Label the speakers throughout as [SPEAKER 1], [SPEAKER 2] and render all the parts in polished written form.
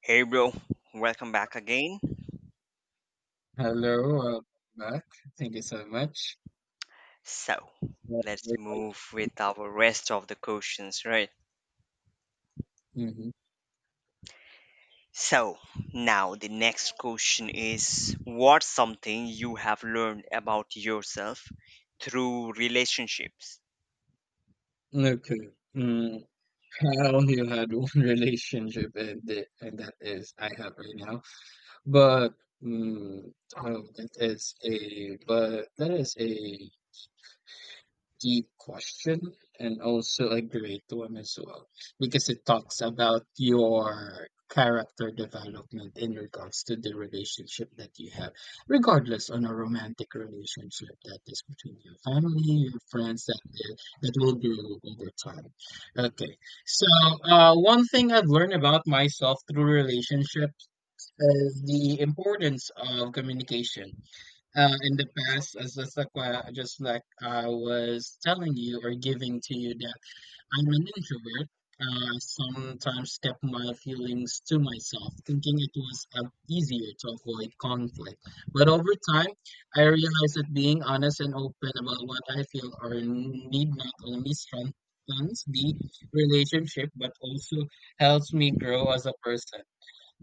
[SPEAKER 1] Hey bro, welcome back again.
[SPEAKER 2] Hello, welcome back. Thank you so much.
[SPEAKER 1] So,
[SPEAKER 2] Uh,
[SPEAKER 1] let's move with our rest of the questions, right?
[SPEAKER 2] Mhm.
[SPEAKER 1] So, now the next question is what's something you have learned about yourself through relationships?
[SPEAKER 2] Okay. Mm, I only had one relationship, and that is I have right now. But mm, oh, that is a deep question, and also a great one as well, because it talks about your character development in regards to the relationship that you have, regardless on a romantic relationship that is between your family, your friends, that will build over time. Okay, so one thing I've learned about myself through relationships is the importance of communication. In the past, just like I was telling you or giving to you, that I'm an introvert. Sometimes kept my feelings to myself, thinking it was easier to avoid conflict. But over time, I realized that being honest and open about what I feel or need not only strengthens the relationship, but also helps me grow as a person.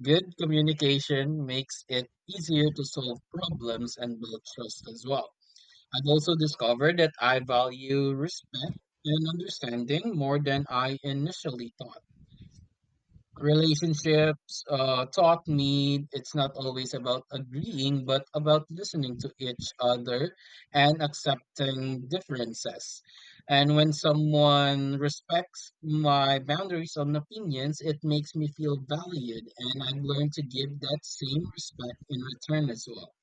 [SPEAKER 2] Good communication makes it easier to solve problems and build trust as well. I've also discovered that I value respect and understanding more than I initially thought. Relationships taught me it's not always about agreeing, but about listening to each other and accepting differences. And when someone respects my boundaries and opinions, it makes me feel valued, and I've learned to give that same respect in return as well.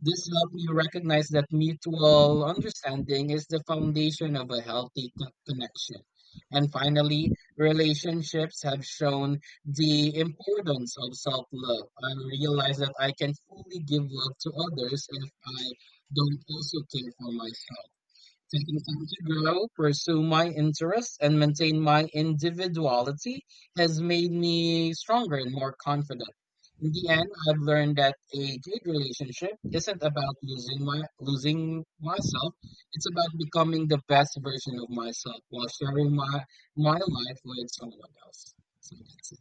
[SPEAKER 2] This helped me recognize that mutual understanding is the foundation of a healthy connection. And finally, relationships have shown the importance of self love. I realize that I can fully give love to others if I don't also care for myself. Continuing to grow, pursue my interests, and maintain my individuality has made me stronger and more confident. In the end, I've learned that a good relationship isn't about losing myself. It's about becoming the best version of myself while sharing my life with someone else. So that's it.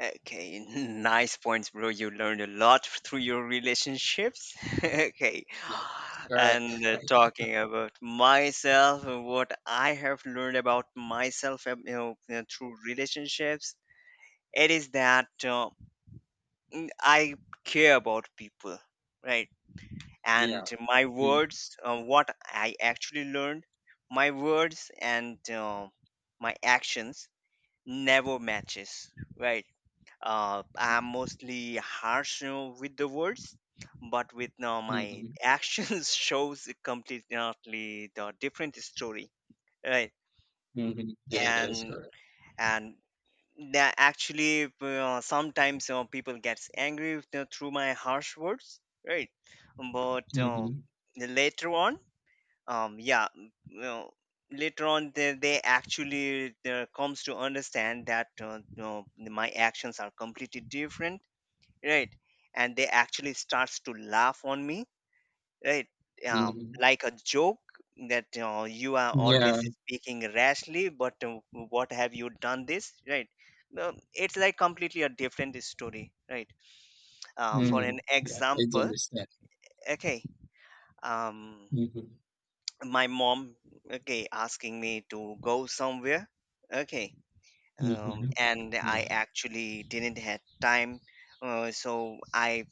[SPEAKER 1] Okay, nice points, bro. You learned a lot through your relationships. Okay.
[SPEAKER 2] That's correct.
[SPEAKER 1] And talking about myself, and what I have learned about myself, through relationships it is that I care about people, right? And
[SPEAKER 2] Yeah.
[SPEAKER 1] my
[SPEAKER 2] Mm-hmm.
[SPEAKER 1] words, what I actually learned, my words and my actions never matches, right? I'm mostly harsh you know, with the words, but with now my
[SPEAKER 2] Mm-hmm.
[SPEAKER 1] actions shows a completely the different story, right?
[SPEAKER 2] Mm-hmm. Yeah, that is
[SPEAKER 1] And
[SPEAKER 2] correct.
[SPEAKER 1] and that actually sometimes people gets angry with, through my harsh words, right, but
[SPEAKER 2] Mm-hmm.
[SPEAKER 1] later on, yeah you know, later on they actually comes to understand that no, my actions are completely different, right, and they actually starts to laugh on me, right? Uh,
[SPEAKER 2] Mm-hmm.
[SPEAKER 1] like a joke that you are always
[SPEAKER 2] Yeah.
[SPEAKER 1] speaking rashly, but what have you done this, right? No, it's like completely a different story, right? For
[SPEAKER 2] Mm-hmm.
[SPEAKER 1] an
[SPEAKER 2] Yeah, I do
[SPEAKER 1] example,
[SPEAKER 2] understand.
[SPEAKER 1] okay, um,
[SPEAKER 2] Mhm.
[SPEAKER 1] my mom, okay, asking me to go somewhere, okay,
[SPEAKER 2] Mhm.
[SPEAKER 1] and I
[SPEAKER 2] Yeah,
[SPEAKER 1] actually didn't have time, so I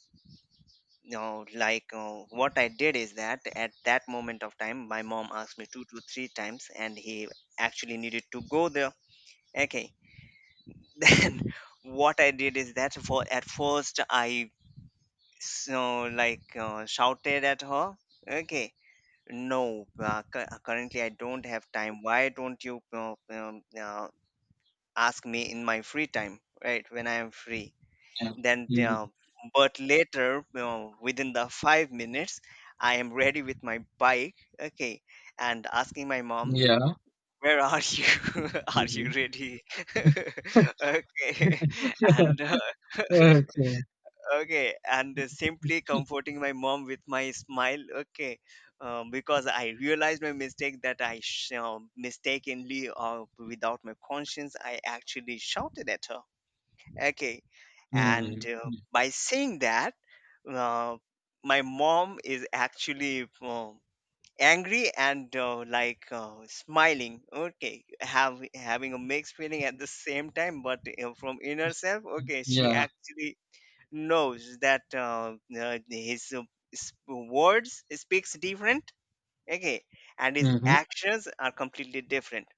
[SPEAKER 1] you know, like what I did is that at that moment of time, my mom asked me two to three times, and he actually needed to go there. Okay, then what I did is that for at first I so like shouted at her. Okay, no, currently I don't have time. Why don't you ask me in my free time, right? When I am free,
[SPEAKER 2] yeah.
[SPEAKER 1] then
[SPEAKER 2] Mhm.
[SPEAKER 1] but later you know, within the 5 minutes I am ready with my bike, okay, and asking my mom,
[SPEAKER 2] Yeah.
[SPEAKER 1] where are you, are you
[SPEAKER 2] Mhm.
[SPEAKER 1] ready? Okay. and
[SPEAKER 2] Okay.
[SPEAKER 1] okay and Simply comforting my mom with my smile, okay, because I realized my mistake that I mistakenly or without my conscience I actually shouted at her. Okay. And
[SPEAKER 2] Mhm.
[SPEAKER 1] by saying that, uh, my mom is actually angry and like smiling. Okay, have having a mixed feeling at the same time, but from inner
[SPEAKER 2] Yes.
[SPEAKER 1] self,
[SPEAKER 2] Mm,
[SPEAKER 1] okay, she
[SPEAKER 2] yeah.
[SPEAKER 1] actually knows that his words speaks different. Okay, and his
[SPEAKER 2] Mhm.
[SPEAKER 1] actions are completely different.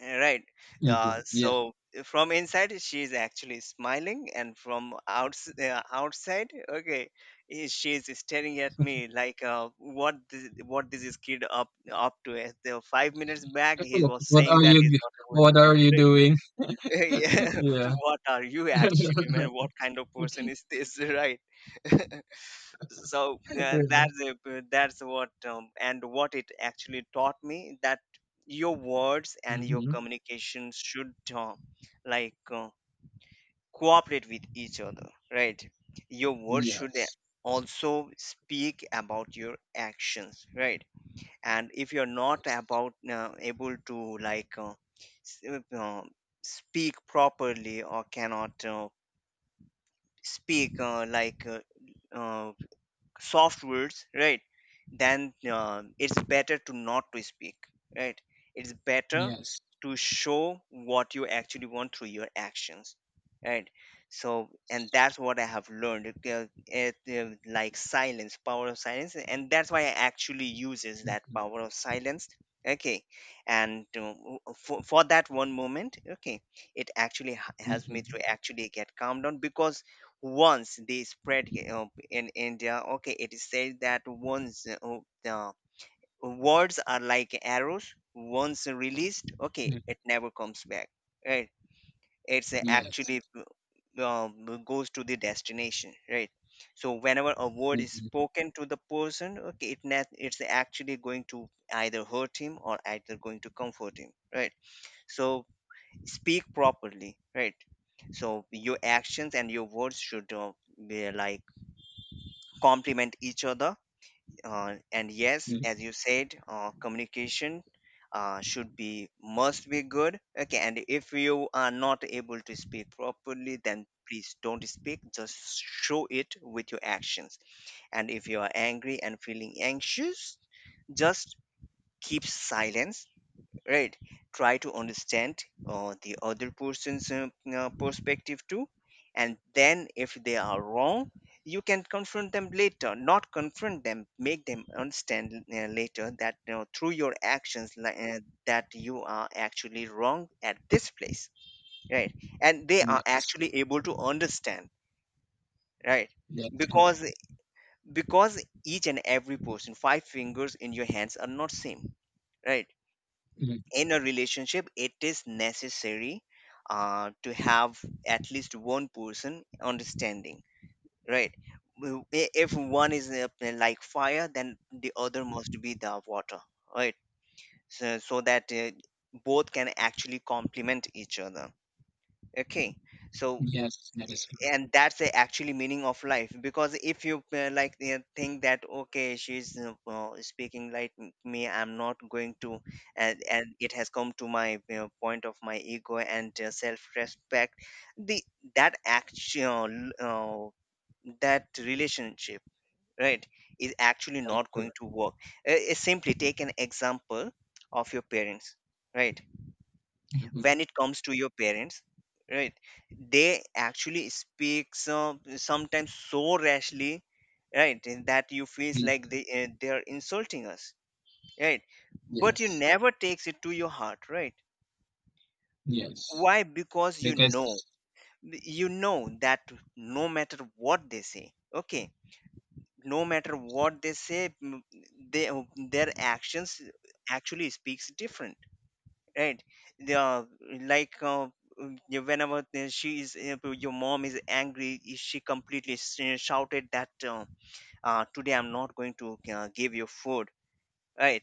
[SPEAKER 1] Right. Uh,
[SPEAKER 2] Mhm. Yeah.
[SPEAKER 1] so eh, from inside, she is actually smiling, and from outside, okay, eh, she is staring at me like, what this is kid up to? Eh, the 5 minutes back, he was
[SPEAKER 2] What
[SPEAKER 1] saying
[SPEAKER 2] are
[SPEAKER 1] that
[SPEAKER 2] you
[SPEAKER 1] he's
[SPEAKER 2] g
[SPEAKER 1] not able to
[SPEAKER 2] what
[SPEAKER 1] go.
[SPEAKER 2] are you
[SPEAKER 1] Right.
[SPEAKER 2] doing?
[SPEAKER 1] Yeah.
[SPEAKER 2] Yeah.
[SPEAKER 1] What are you actually, man? What kind of person is this? Right. So
[SPEAKER 2] Yeah.
[SPEAKER 1] that's it, that's what and what it actually taught me that your words and your
[SPEAKER 2] Mhm.
[SPEAKER 1] communication should like uh, cooperate with each other, right, your words should
[SPEAKER 2] Yes.
[SPEAKER 1] also speak about your actions, right, and if you're not
[SPEAKER 2] Yes.
[SPEAKER 1] about able to s- uh, uh, speak properly or cannot speak uh, soft words, right, then it's better to not to speak, right, it's better
[SPEAKER 2] Yes.
[SPEAKER 1] to show what you actually want through your actions, right. So and that's what I have learned, like silence, power of silence, and that's why I actually uses that
[SPEAKER 2] Mhm.
[SPEAKER 1] power of silence, okay. And for that one moment, okay, it actually helps me to
[SPEAKER 2] Mhm.
[SPEAKER 1] actually get calmed down because once they spread in India, okay, it is said that once the words are like arrows, once released, okay,
[SPEAKER 2] Mhm.
[SPEAKER 1] it never comes back, right? It's
[SPEAKER 2] Yes.
[SPEAKER 1] actually goes to the destination, right? So whenever a word is
[SPEAKER 2] Mhm.
[SPEAKER 1] spoken to the person, okay, it's actually going to either hurt him or either going to comfort him, right? So speak properly, right? So your actions and your words should be like complement each other, and yes
[SPEAKER 2] Mm,
[SPEAKER 1] as you said communication should be must be good, okay, and if you are not able to speak properly then please don't speak, just show it with your actions. And if you are angry and feeling anxious, just keep silence, right, try to understand the other person's perspective too, and then if they are wrong you can confront them later, not confront them, make them understand later that you know, through your actions like, that you are actually wrong at this place, right, and they are
[SPEAKER 2] yes.
[SPEAKER 1] actually able to understand, right.
[SPEAKER 2] That's correct.
[SPEAKER 1] Because because each and every person, five fingers in your hands are not same, right.
[SPEAKER 2] Mm.
[SPEAKER 1] In a relationship it is necessary to have at least one person understanding, right. If one is like fire then the other must be the water, right, so, so that both can actually complement each other, okay. So
[SPEAKER 2] Yes, that is correct.
[SPEAKER 1] and that's the actually meaning of life, because if you think that okay she's well, speaking me, I'm not going to, and it has come to my you know, point of my ego and self-respect, the that actual that relationship, right, is actually
[SPEAKER 2] That is
[SPEAKER 1] not going
[SPEAKER 2] correct.
[SPEAKER 1] to work. Simply take an example of your parents, right.
[SPEAKER 2] Mhm.
[SPEAKER 1] When it comes to your parents, right, they actually speak sometimes so rashly, right, and that you feels
[SPEAKER 2] Mm.
[SPEAKER 1] like they are insulting us, right, but you
[SPEAKER 2] Yes.
[SPEAKER 1] never takes it to your heart, right.
[SPEAKER 2] Yes.
[SPEAKER 1] Why? Because you know,
[SPEAKER 2] Because
[SPEAKER 1] you know that no matter what they say, okay, no matter what they say, they, their actions actually speaks different, right. the like Yeah, whenever she is your mom is angry, she completely shouted that today I'm not going to give you food, right?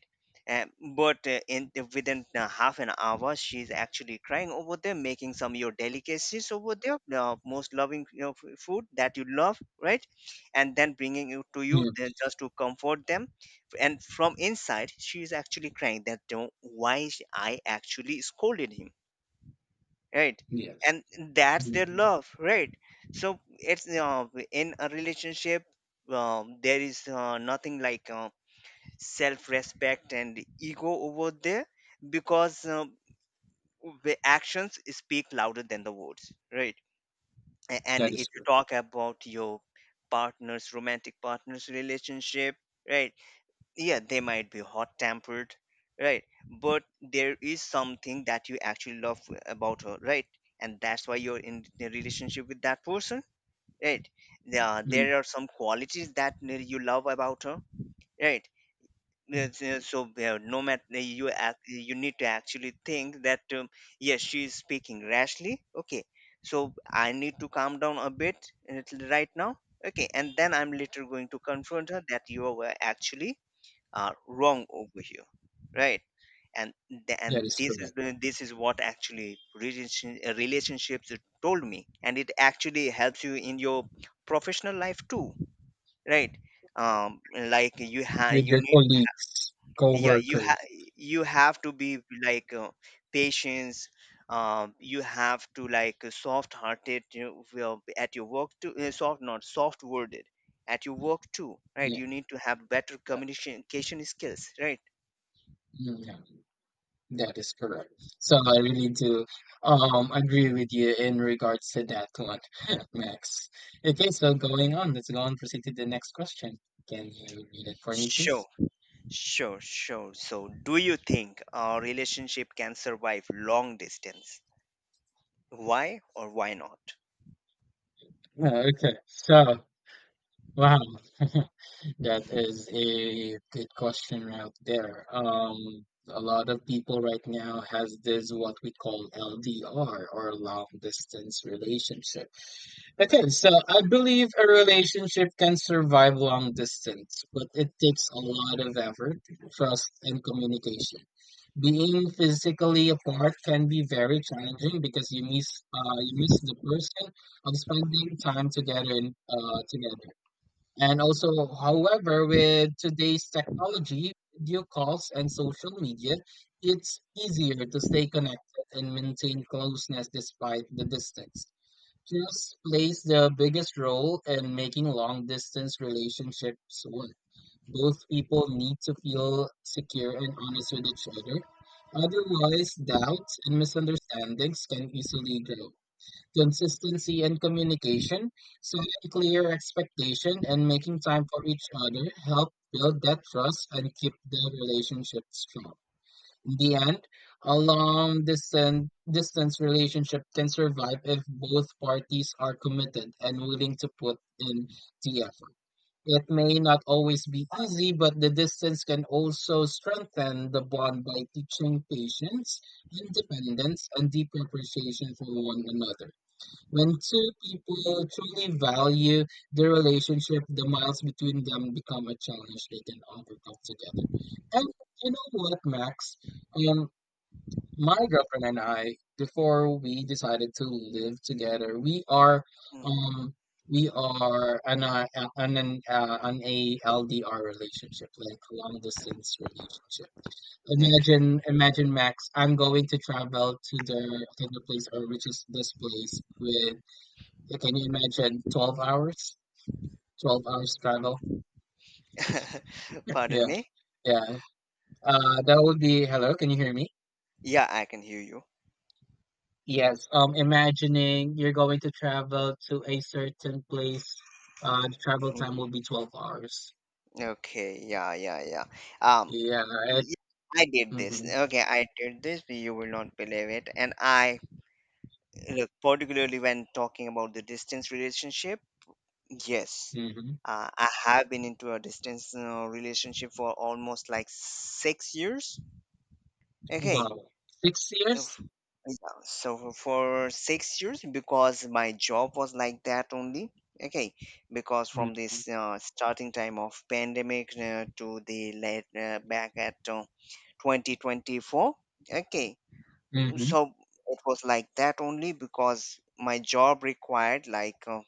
[SPEAKER 1] Um, but in within half an hour, she's actually crying over there, making some your delicacies over there, most loving you know, food that you love, right? And then bringing it to you then
[SPEAKER 2] yes,
[SPEAKER 1] just to comfort them. And from inside, she's actually crying that, "Don't- why I actually scolded him, right?
[SPEAKER 2] yes,
[SPEAKER 1] And that's their
[SPEAKER 2] mhm,
[SPEAKER 1] love, right? So it's in a relationship, there is nothing like self respect and ego over there, because the actions speak louder than the words, right. And
[SPEAKER 2] that
[SPEAKER 1] if
[SPEAKER 2] is
[SPEAKER 1] you
[SPEAKER 2] correct.
[SPEAKER 1] talk about your partner's romantic partner's relationship, right, yeah they might be hot tempered, right, but there is something that you actually love about her, right, and that's why you're in the relationship with that person, right, yeah
[SPEAKER 2] Mm,
[SPEAKER 1] there are some qualities that you love about her, right.
[SPEAKER 2] mm,
[SPEAKER 1] Yes, yes, so no matter you act, you need to actually think that yes, she is speaking rashly. Okay, so I need to calm down a bit till right now. Okay, and then I'm later going to confront her that you were actually wrong over here, right? And
[SPEAKER 2] that is
[SPEAKER 1] this is
[SPEAKER 2] correct.
[SPEAKER 1] the this is what actually relationships told me, and it actually helps you in your professional life too, right? Like you have
[SPEAKER 2] With
[SPEAKER 1] you
[SPEAKER 2] your
[SPEAKER 1] need
[SPEAKER 2] colleagues,
[SPEAKER 1] yeah you have,
[SPEAKER 2] coworkers,
[SPEAKER 1] you have to be like patience, you have to like soft hearted you know, well, at your work too, soft, not soft worded at your work too, right,
[SPEAKER 2] yeah,
[SPEAKER 1] you need to have better
[SPEAKER 2] yeah,
[SPEAKER 1] communication skills, right.
[SPEAKER 2] mm, yeah, that is correct. So I really do agree with you in regards to that one, Max. Okay, so going on, let's go on proceed to the next question. Can you read it for me,
[SPEAKER 1] sure
[SPEAKER 2] please?
[SPEAKER 1] sure sure So do you think a relationship can survive long distance? Why or why not?
[SPEAKER 2] Okay, so wow. That is a good question right there. A lot of people right now has this what we call LDR or long distance relationship. Okay, so I believe a relationship can survive long distance, but it takes a lot of effort, trust, and communication. Being physically apart can be very challenging because you miss the person of spending time together in together. And also, however, with today's technology, video calls and social media, it's easier to stay connected and maintain closeness despite the distance. Trust plays the biggest role in making long distance relationships work. Both people need to feel secure and honest with each other. Otherwise, doubts and misunderstandings can easily grow. Consistency and communication, setting clear expectation and making time for each other, help build that trust and keep the relationship strong. In the end, a long distance relationship can survive if both parties are committed and willing to put in the effort. It may not always be easy, but the distance can also strengthen the bond by teaching patience, independence, and deep appreciation for one another. When two people truly value their relationship, the miles between them become a challenge they can overcome together. And you know what, Max? Um, my girlfriend and I, before we decided to live together,
[SPEAKER 1] Mm,
[SPEAKER 2] um we are on a on an on a LDR relationship, like long distance relationship.
[SPEAKER 1] okay.
[SPEAKER 2] Imagine, imagine, Max. I'm going to travel to the place or which is this place with. Yeah, can you imagine 12 hours? 12 hours travel? Yeah,
[SPEAKER 1] Pardon me?
[SPEAKER 2] yeah. That would be, hello, can you hear me?
[SPEAKER 1] Yeah, I can hear you.
[SPEAKER 2] Yes. Imagining you're going to travel to a certain place, the travel time
[SPEAKER 1] Hmm.
[SPEAKER 2] will be 12 hours.
[SPEAKER 1] Okay, yeah, yeah, yeah. Um,
[SPEAKER 2] Yeah, it.
[SPEAKER 1] y- I did this.
[SPEAKER 2] Mm-hmm,
[SPEAKER 1] Okay, I did this, but you will not believe it. And I look, particularly when talking about the distance relationship, yes,
[SPEAKER 2] mm-hmm.
[SPEAKER 1] I have been into a distance relationship for almost like 6 years. Okay.
[SPEAKER 2] Wow. 6 years?
[SPEAKER 1] Yeah, so for 6 years, because my job was like that only. Okay, because from
[SPEAKER 2] Mm-hmm,
[SPEAKER 1] this starting time of pandemic to the late back at 2024. Okay,
[SPEAKER 2] mm-hmm.
[SPEAKER 1] so it was like that only because my job required like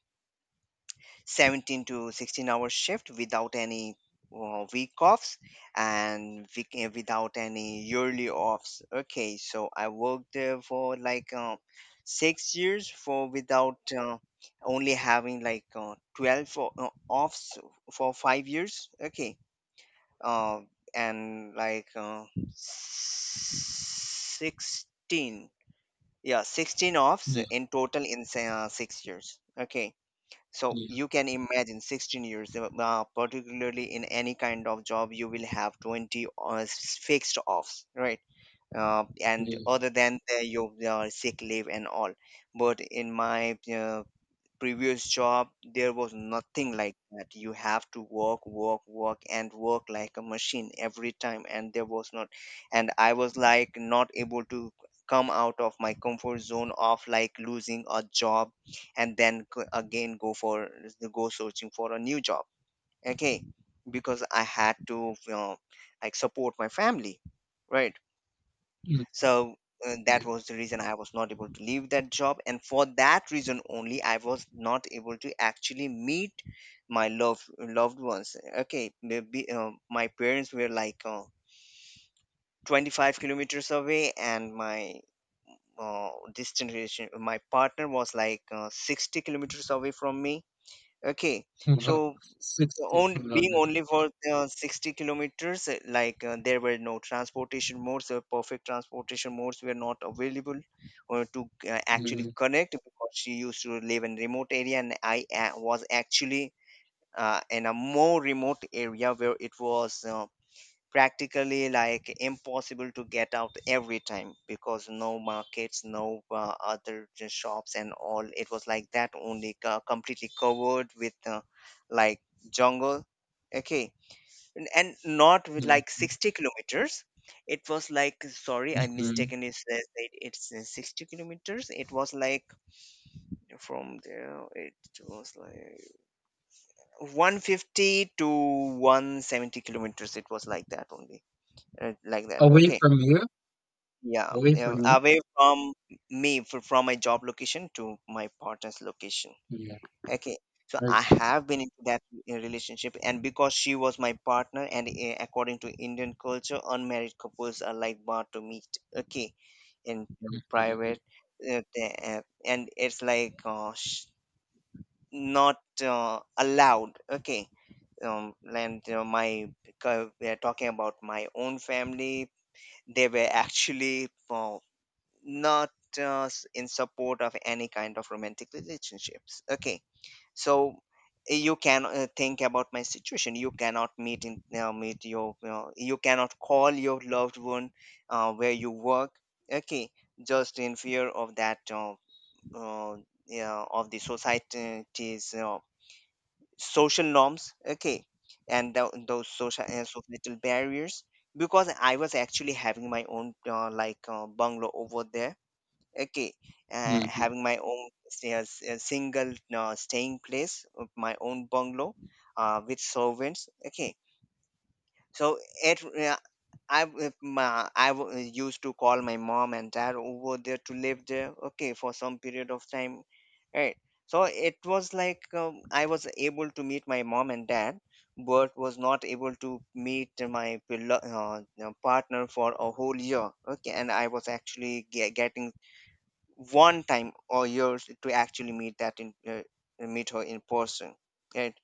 [SPEAKER 1] 17 to 16 hour shift without any week offs and without any yearly offs. Okay, so I worked there for like 6 years for without only having like 12 offs for 5 years. Okay. uh, and like 16, yeah, 16 offs
[SPEAKER 2] Yeah,
[SPEAKER 1] in total in 6 years. Okay, so
[SPEAKER 2] yeah,
[SPEAKER 1] you can imagine 16 years, particularly in any kind of job you will have 20 or fixed offs, right? And
[SPEAKER 2] yeah.
[SPEAKER 1] other than your sick leave and all. But in my previous job there was nothing like that. You have to work, work, work, and work like a machine every time, and there was not and I was like not able to come out of my comfort zone of like losing a job and then again go for, go searching for a new job. Okay, because I had to, you know, like support my family, right?
[SPEAKER 2] Mm-hmm.
[SPEAKER 1] So that
[SPEAKER 2] Yeah.
[SPEAKER 1] was the reason I was not able to leave that job, and for that reason only I was not able to actually meet my loved ones. Okay, maybe my parents were like 25 kilometers away, and my distant relation, my partner, was like 60 kilometers away from me. Okay, so
[SPEAKER 2] Wow. 60
[SPEAKER 1] on being
[SPEAKER 2] kilometers.
[SPEAKER 1] only for 60 kilometers, like there were no transportation modes, perfect transportation modes were not available to actually
[SPEAKER 2] Mm-hmm,
[SPEAKER 1] connect, because she used to live in remote area and I was actually in a more remote area where it was, practically like impossible to get out every time, because no markets, no other shops and all. It was like that only, completely covered with like jungle. Okay. And not with like
[SPEAKER 2] mm-hmm,
[SPEAKER 1] 60 kilometers. It was like, sorry, I
[SPEAKER 2] mm-hmm.
[SPEAKER 1] mistakenly said It's 60 kilometers, it was like from there it was like 150 to 170 kilometers. It was like that only, like that.
[SPEAKER 2] Away
[SPEAKER 1] Okay.
[SPEAKER 2] from you?
[SPEAKER 1] Yeah,
[SPEAKER 2] Away
[SPEAKER 1] yeah,
[SPEAKER 2] from you?
[SPEAKER 1] away from me, from my job location to my partner's location.
[SPEAKER 2] Yeah.
[SPEAKER 1] Okay, so I
[SPEAKER 2] Okay.
[SPEAKER 1] have been into that relationship. And because she was my partner, and according to Indian culture, unmarried couples are like bar to meet. Okay, in
[SPEAKER 2] Mhm,
[SPEAKER 1] private, and it's like not allowed. Okay, and my we are talking about my own family. They were actually, not in support of any kind of romantic relationships. Okay, so you can think about my situation. You cannot meet in meet your, you know, you cannot call your loved one where you work. Okay, just in fear of that, uh, yeah, of the society's social norms. Okay, and those social, societal barriers, because I was actually having my own bungalow over there. Okay,
[SPEAKER 2] mhm.
[SPEAKER 1] having my own a a single staying place of my own bungalow, with servants. Okay, so it if my, used to call my mom and dad over there to live there. Okay, for some period of time, right? So it was like I was able to meet my mom and dad but was not able to meet my you know, partner for a whole year. Okay, and I was actually getting one time or years to actually meet that in meet her in person, right?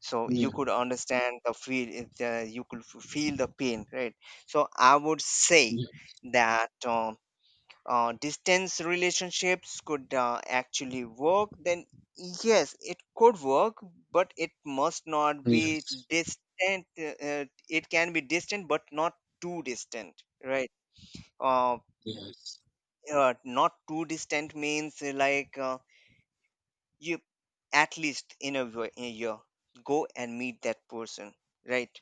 [SPEAKER 1] So
[SPEAKER 2] Yeah,
[SPEAKER 1] you could understand the feel, you could feel the pain, right? So I would say
[SPEAKER 2] yeah.
[SPEAKER 1] that distance relationships could actually work then. Yes, it could work, but it must not be
[SPEAKER 2] Yes,
[SPEAKER 1] distant. It can be distant but not too distant, right? uh,
[SPEAKER 2] yes.
[SPEAKER 1] Not too distant means, you at least in a, in a year, go and meet that person, right?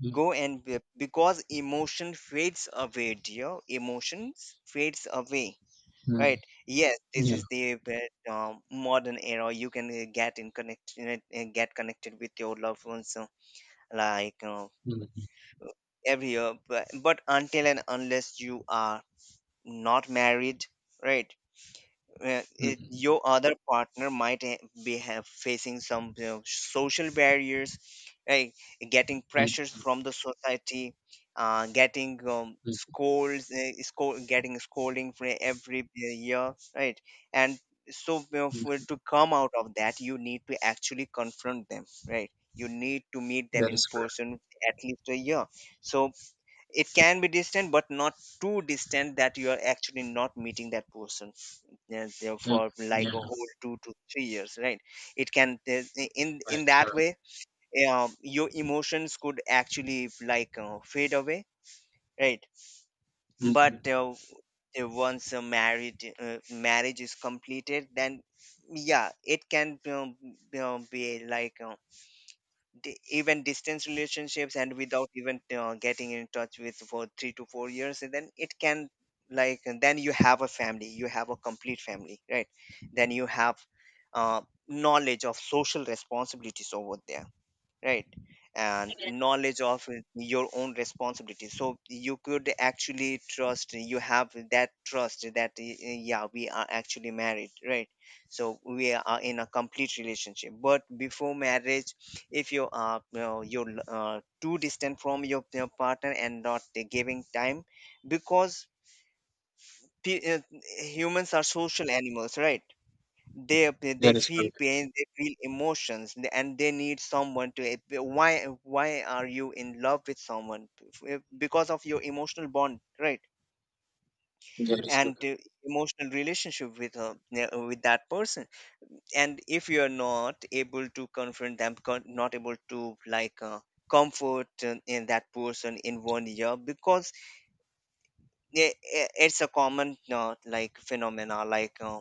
[SPEAKER 2] Mm,
[SPEAKER 1] Go and because emotion fades away, dear, emotions fades away,
[SPEAKER 2] mm,
[SPEAKER 1] right? Yes, this
[SPEAKER 2] yeah.
[SPEAKER 1] is the modern era. You can get in connect, you know, get connected with your loved ones, like uh,
[SPEAKER 2] Mhm,
[SPEAKER 1] every year. But until and unless you are not married, right? It,
[SPEAKER 2] mhm,
[SPEAKER 1] your other partner might ha- be have facing some, you know, social barriers, like getting pressures
[SPEAKER 2] mhm,
[SPEAKER 1] from the society, getting
[SPEAKER 2] mhm,
[SPEAKER 1] getting scolding for every year, right? And so, you know, for,
[SPEAKER 2] mhm.
[SPEAKER 1] to come out of that you need to actually confront them, right? You need to meet them
[SPEAKER 2] That
[SPEAKER 1] in
[SPEAKER 2] is correct.
[SPEAKER 1] person, at least a year. So it can be distant but not too distant that you are actually not meeting that person there
[SPEAKER 2] Yeah,
[SPEAKER 1] for like
[SPEAKER 2] yeah,
[SPEAKER 1] a whole 2 to 3 years, right? It can in
[SPEAKER 2] that's
[SPEAKER 1] that
[SPEAKER 2] correct.
[SPEAKER 1] way your emotions could actually fade away, right?
[SPEAKER 2] Hmm.
[SPEAKER 1] but Once a marriage, marriage is completed, then yeah, it can be like, even distance relationships and without even getting in touch with for 3 to 4 years, and then it can like, and then you have a family, you have a complete family, right? Then you have uh, knowledge of social responsibilities over there, right? And knowledge of your own responsibility, so you could actually trust, you have that trust that, yeah, we are actually married, right? So we are in a complete relationship. But before marriage, if you are, you know, you're too distant from your partner and not giving time, because pe- uh, humans are social animals, right? they they
[SPEAKER 2] That is
[SPEAKER 1] feel
[SPEAKER 2] correct.
[SPEAKER 1] pain, they feel emotions, and they need someone to, why why are you in love with someone? Because of your emotional bond, right?
[SPEAKER 2] That is
[SPEAKER 1] And
[SPEAKER 2] correct.
[SPEAKER 1] emotional relationship with her, yeah, with that person. And if you are not able to confront them, not able to comfort in that person in 1 year, because it's a common phenomena,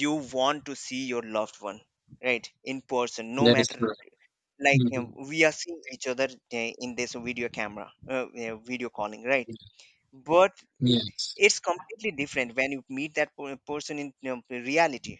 [SPEAKER 1] you want to see your loved one, right, in person, no
[SPEAKER 2] That is
[SPEAKER 1] matter
[SPEAKER 2] correct. Hmm.
[SPEAKER 1] we are seeing each other in this video camera, video calling, right? But
[SPEAKER 2] Yes,
[SPEAKER 1] it's completely different when you meet that person in, you know, reality,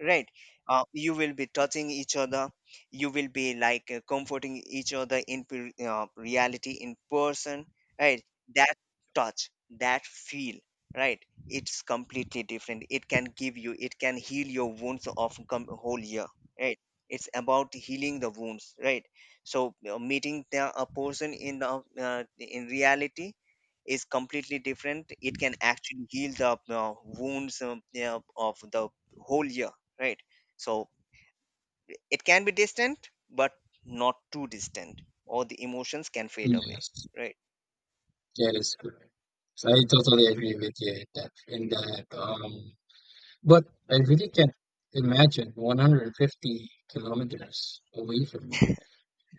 [SPEAKER 1] right? You will be touching each other, you will be comforting each other in reality, in person, right? That touch, that feel, right? It's completely different. It can give you, it can heal your wounds of whole year, right? It's about healing the wounds, right? So meeting the, a person in the in reality, is completely different. It can actually heal the wounds, yeah, of the whole year, right? So it can be distant but not too distant, or the emotions can fade away,
[SPEAKER 2] yes,
[SPEAKER 1] right?
[SPEAKER 2] that is correct. So I totally agree with you in that, but I really can't imagine 150 kilometers away from you.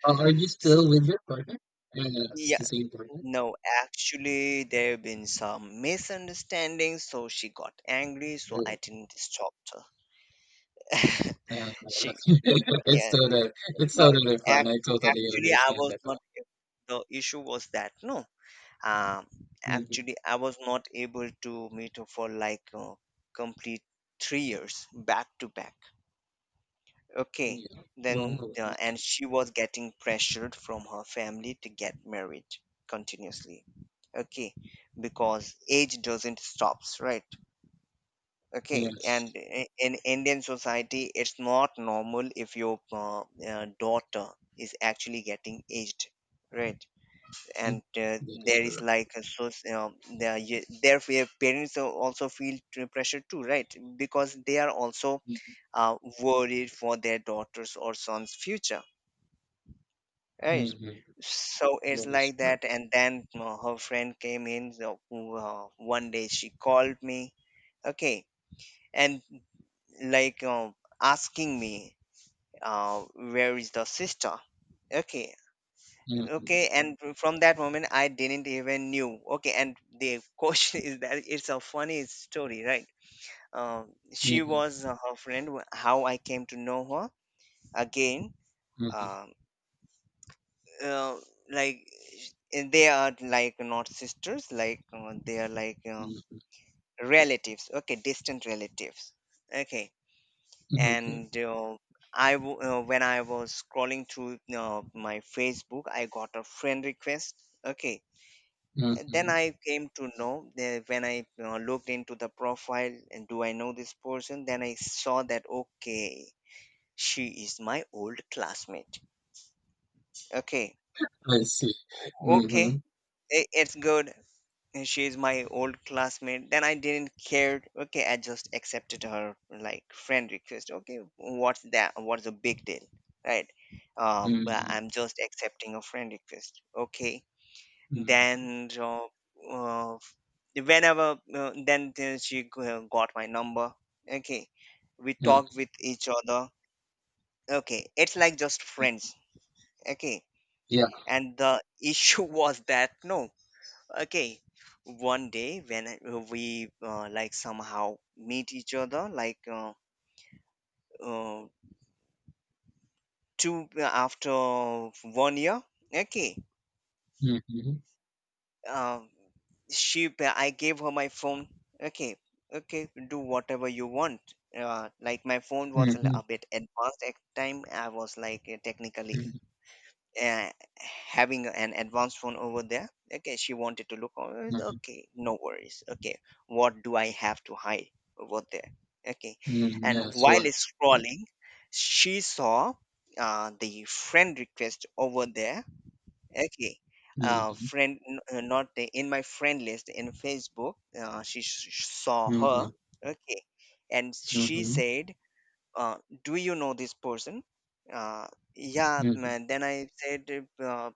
[SPEAKER 2] Are you still
[SPEAKER 1] S-
[SPEAKER 2] with your partner? Yeah, it's the
[SPEAKER 1] yeah,
[SPEAKER 2] same partner.
[SPEAKER 1] no, actually there have been some misunderstandings, so she got angry, so I
[SPEAKER 2] Uh,
[SPEAKER 1] didn't stop her. She,
[SPEAKER 2] it's
[SPEAKER 1] yeah,
[SPEAKER 2] totally, it's
[SPEAKER 1] no,
[SPEAKER 2] totally fine. I
[SPEAKER 1] ac-
[SPEAKER 2] totally
[SPEAKER 1] actually I
[SPEAKER 2] understand
[SPEAKER 1] was
[SPEAKER 2] that.
[SPEAKER 1] not, the issue was that, no, um
[SPEAKER 2] Mm-hmm.
[SPEAKER 1] actually I was not able to meet her for complete 3 years back to back. Okay,
[SPEAKER 2] Yeah. Well,
[SPEAKER 1] then and she was getting pressured from her family to get married continuously. Okay, because age doesn't stops, right? Okay, and
[SPEAKER 2] yes,
[SPEAKER 1] in Indian society, it's not normal if your daughter is actually getting aged, right?
[SPEAKER 2] mm,
[SPEAKER 1] And
[SPEAKER 2] that is
[SPEAKER 1] there is
[SPEAKER 2] correct.
[SPEAKER 1] like a so there therefore parents also feel pressure too, right? Because they are also uh, worried for their daughters or sons future, right?
[SPEAKER 2] Mm-hmm.
[SPEAKER 1] So it's
[SPEAKER 2] That is
[SPEAKER 1] like
[SPEAKER 2] correct.
[SPEAKER 1] that. And then her friend came in, so one day she called me, okay, and like uh, asking me, where is the sister? Okay.
[SPEAKER 2] Mm-hmm.
[SPEAKER 1] Okay, and from that moment, I didn't even knew. Okay, and the question is that, it's a funny story, right? She
[SPEAKER 2] Mm-hmm.
[SPEAKER 1] was her friend. How I came to know her again,
[SPEAKER 2] Mm-hmm.
[SPEAKER 1] um, uh, like and they are like not sisters, they are
[SPEAKER 2] Mm-hmm.
[SPEAKER 1] relatives. Okay, distant relatives. Okay,
[SPEAKER 2] Okay.
[SPEAKER 1] and when I was scrolling through my Facebook, I got a friend request. Okay, then
[SPEAKER 2] Mm-hmm.
[SPEAKER 1] I came to know that, when I looked into the profile and do I know this person, then I saw that, okay, she is my old classmate. Okay,
[SPEAKER 2] I see.
[SPEAKER 1] okay,
[SPEAKER 2] Mm-hmm.
[SPEAKER 1] it's good. And She is my old classmate. Then I didn't care. Okay, I just accepted her like friend request. Okay, what's that? What's the big deal, right? But
[SPEAKER 2] Mm-hmm.
[SPEAKER 1] I'm just accepting a friend request. Okay.
[SPEAKER 2] Mm-hmm.
[SPEAKER 1] Then uh, whenever then she got my number. Okay, we talked
[SPEAKER 2] Mm-hmm.
[SPEAKER 1] with each other. Okay, it's like just friends. Okay,
[SPEAKER 2] Yeah.
[SPEAKER 1] and the issue was that no. Okay, one day when we like somehow meet each other, uh, two, after 1 year. Okay,
[SPEAKER 2] Mm-hmm.
[SPEAKER 1] um, she I gave her my phone. Okay, okay, do whatever you want. Like my phone was a a
[SPEAKER 2] Mm-hmm.
[SPEAKER 1] bit advanced at time, I was like technically
[SPEAKER 2] Mm-hmm.
[SPEAKER 1] uh, having an advanced phone over there. Okay, she wanted to look over.
[SPEAKER 2] Mm-hmm.
[SPEAKER 1] Okay, no worries. Okay, what do I have to hide over there? Okay.
[SPEAKER 2] Mm-hmm.
[SPEAKER 1] And
[SPEAKER 2] That's
[SPEAKER 1] while
[SPEAKER 2] what.
[SPEAKER 1] it's scrolling, she saw the friend request over there. Okay.
[SPEAKER 2] Mm-hmm.
[SPEAKER 1] Friend, not in my friend list in Facebook. She saw her.
[SPEAKER 2] Mm-hmm.
[SPEAKER 1] Okay, and she
[SPEAKER 2] Mm-hmm.
[SPEAKER 1] said, uh, "Do you know this person?" Uh, yeah,
[SPEAKER 2] Mhm,
[SPEAKER 1] man. Then I said, uh,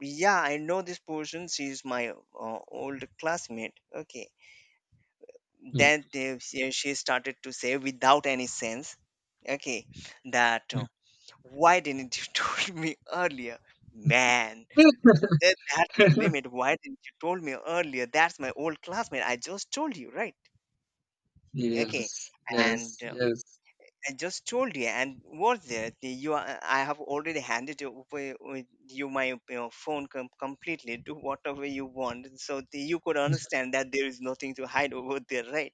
[SPEAKER 1] "Yeah, I know this person. She's my old classmate." Okay.
[SPEAKER 2] mhm,
[SPEAKER 1] She started to say, without any sense, okay, that
[SPEAKER 2] mhm.
[SPEAKER 1] why didn't you told me earlier, man? That's the limit. Why didn't you told me earlier? That's my old classmate. I just told you, right? Okay,
[SPEAKER 2] Yes,
[SPEAKER 1] and
[SPEAKER 2] yes,
[SPEAKER 1] uh,
[SPEAKER 2] yes.
[SPEAKER 1] I just told you. And what's there? You, are, I have already handed you, over- with you my phone completely. Do whatever you want, so the, you could understand that there is nothing to hide over there, right?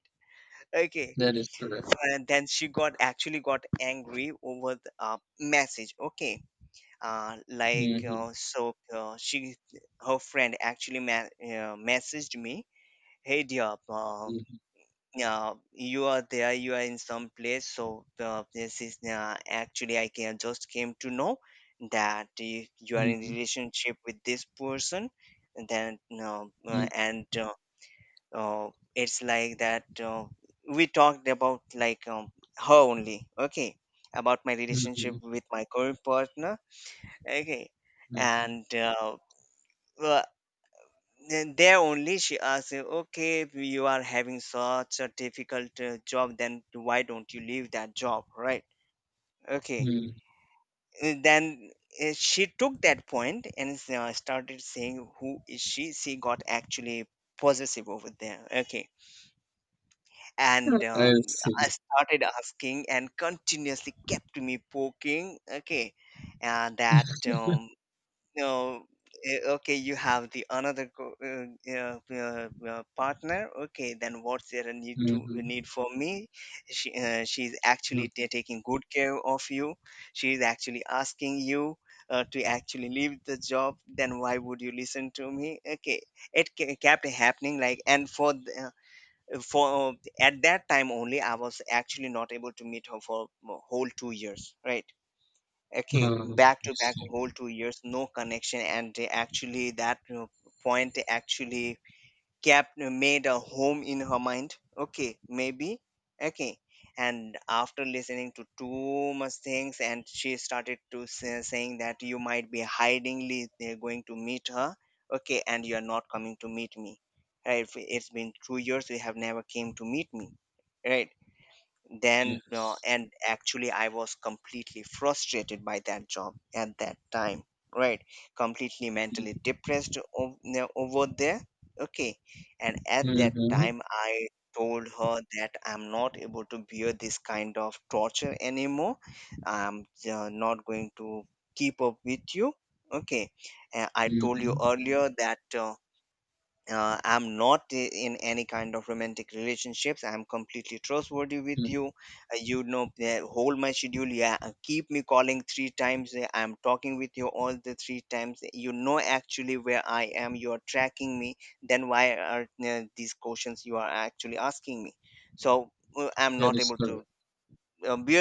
[SPEAKER 1] Okay,
[SPEAKER 2] That is correct.
[SPEAKER 1] and then she got actually got angry over the message. Okay,
[SPEAKER 2] Mhm,
[SPEAKER 1] she her friend actually messaged me, hey dear,
[SPEAKER 2] mhm,
[SPEAKER 1] you are there, you are in some place, so this is actually I can just came to know that you are in
[SPEAKER 2] mhm,
[SPEAKER 1] relationship with this person. And then
[SPEAKER 2] mhm,
[SPEAKER 1] and it's like that, we talked about, like, her only, okay, about my relationship
[SPEAKER 2] mhm,
[SPEAKER 1] with my current partner. Okay.
[SPEAKER 2] mhm,
[SPEAKER 1] And well, then there only she asked him, okay, you are having such a difficult job, then why don't you leave that job, right? Okay.
[SPEAKER 2] mhm.
[SPEAKER 1] And then she took that point and started saying, who is she? She got actually possessive over there. Okay. And
[SPEAKER 2] I
[SPEAKER 1] I
[SPEAKER 2] see.
[SPEAKER 1] started asking and continuously kept me poking. Okay. And that no, okay, you have the another partner. Okay, then what's there, a
[SPEAKER 2] Mhm,
[SPEAKER 1] need for me? She's actually
[SPEAKER 2] mhm.
[SPEAKER 1] taking good care of you. She's actually asking you to actually leave the job. Then why would you listen to me? Okay, it kept happening like, and for the, for at that time only I was actually not able to meet her for a whole 2 years, right? Okay,
[SPEAKER 2] Oh,
[SPEAKER 1] back
[SPEAKER 2] I
[SPEAKER 1] to back
[SPEAKER 2] see.
[SPEAKER 1] whole 2 years, no connection, and they actually that, you know, point actually kept, made a home in her mind. Okay, maybe. Okay. And after listening to too much things, and she started to saying that you might be hidingly they're going to meet her, okay, and you're not coming to meet me, right? If it's been 2 years, you have never came to meet me, right? Then
[SPEAKER 2] Yes.
[SPEAKER 1] and actually I was completely frustrated by that job at that time, right? Completely
[SPEAKER 2] Mhm,
[SPEAKER 1] mentally depressed over there. Okay. And at that
[SPEAKER 2] mhm,
[SPEAKER 1] time I told her that I'm not able to bear this kind of torture anymore. I'm not going to keep up with you. Okay. And I told you
[SPEAKER 2] mhm.
[SPEAKER 1] earlier that I'm not in any kind of romantic relationships. I'm completely trustworthy with you. You know, hold my schedule. Yeah, keep me calling three times. I'm talking with you all the three times. You know actually where I am. You're tracking me. Then why are these questions you are actually asking me? So I'm
[SPEAKER 2] That
[SPEAKER 1] not
[SPEAKER 2] is
[SPEAKER 1] able to
[SPEAKER 2] correct.
[SPEAKER 1] bear this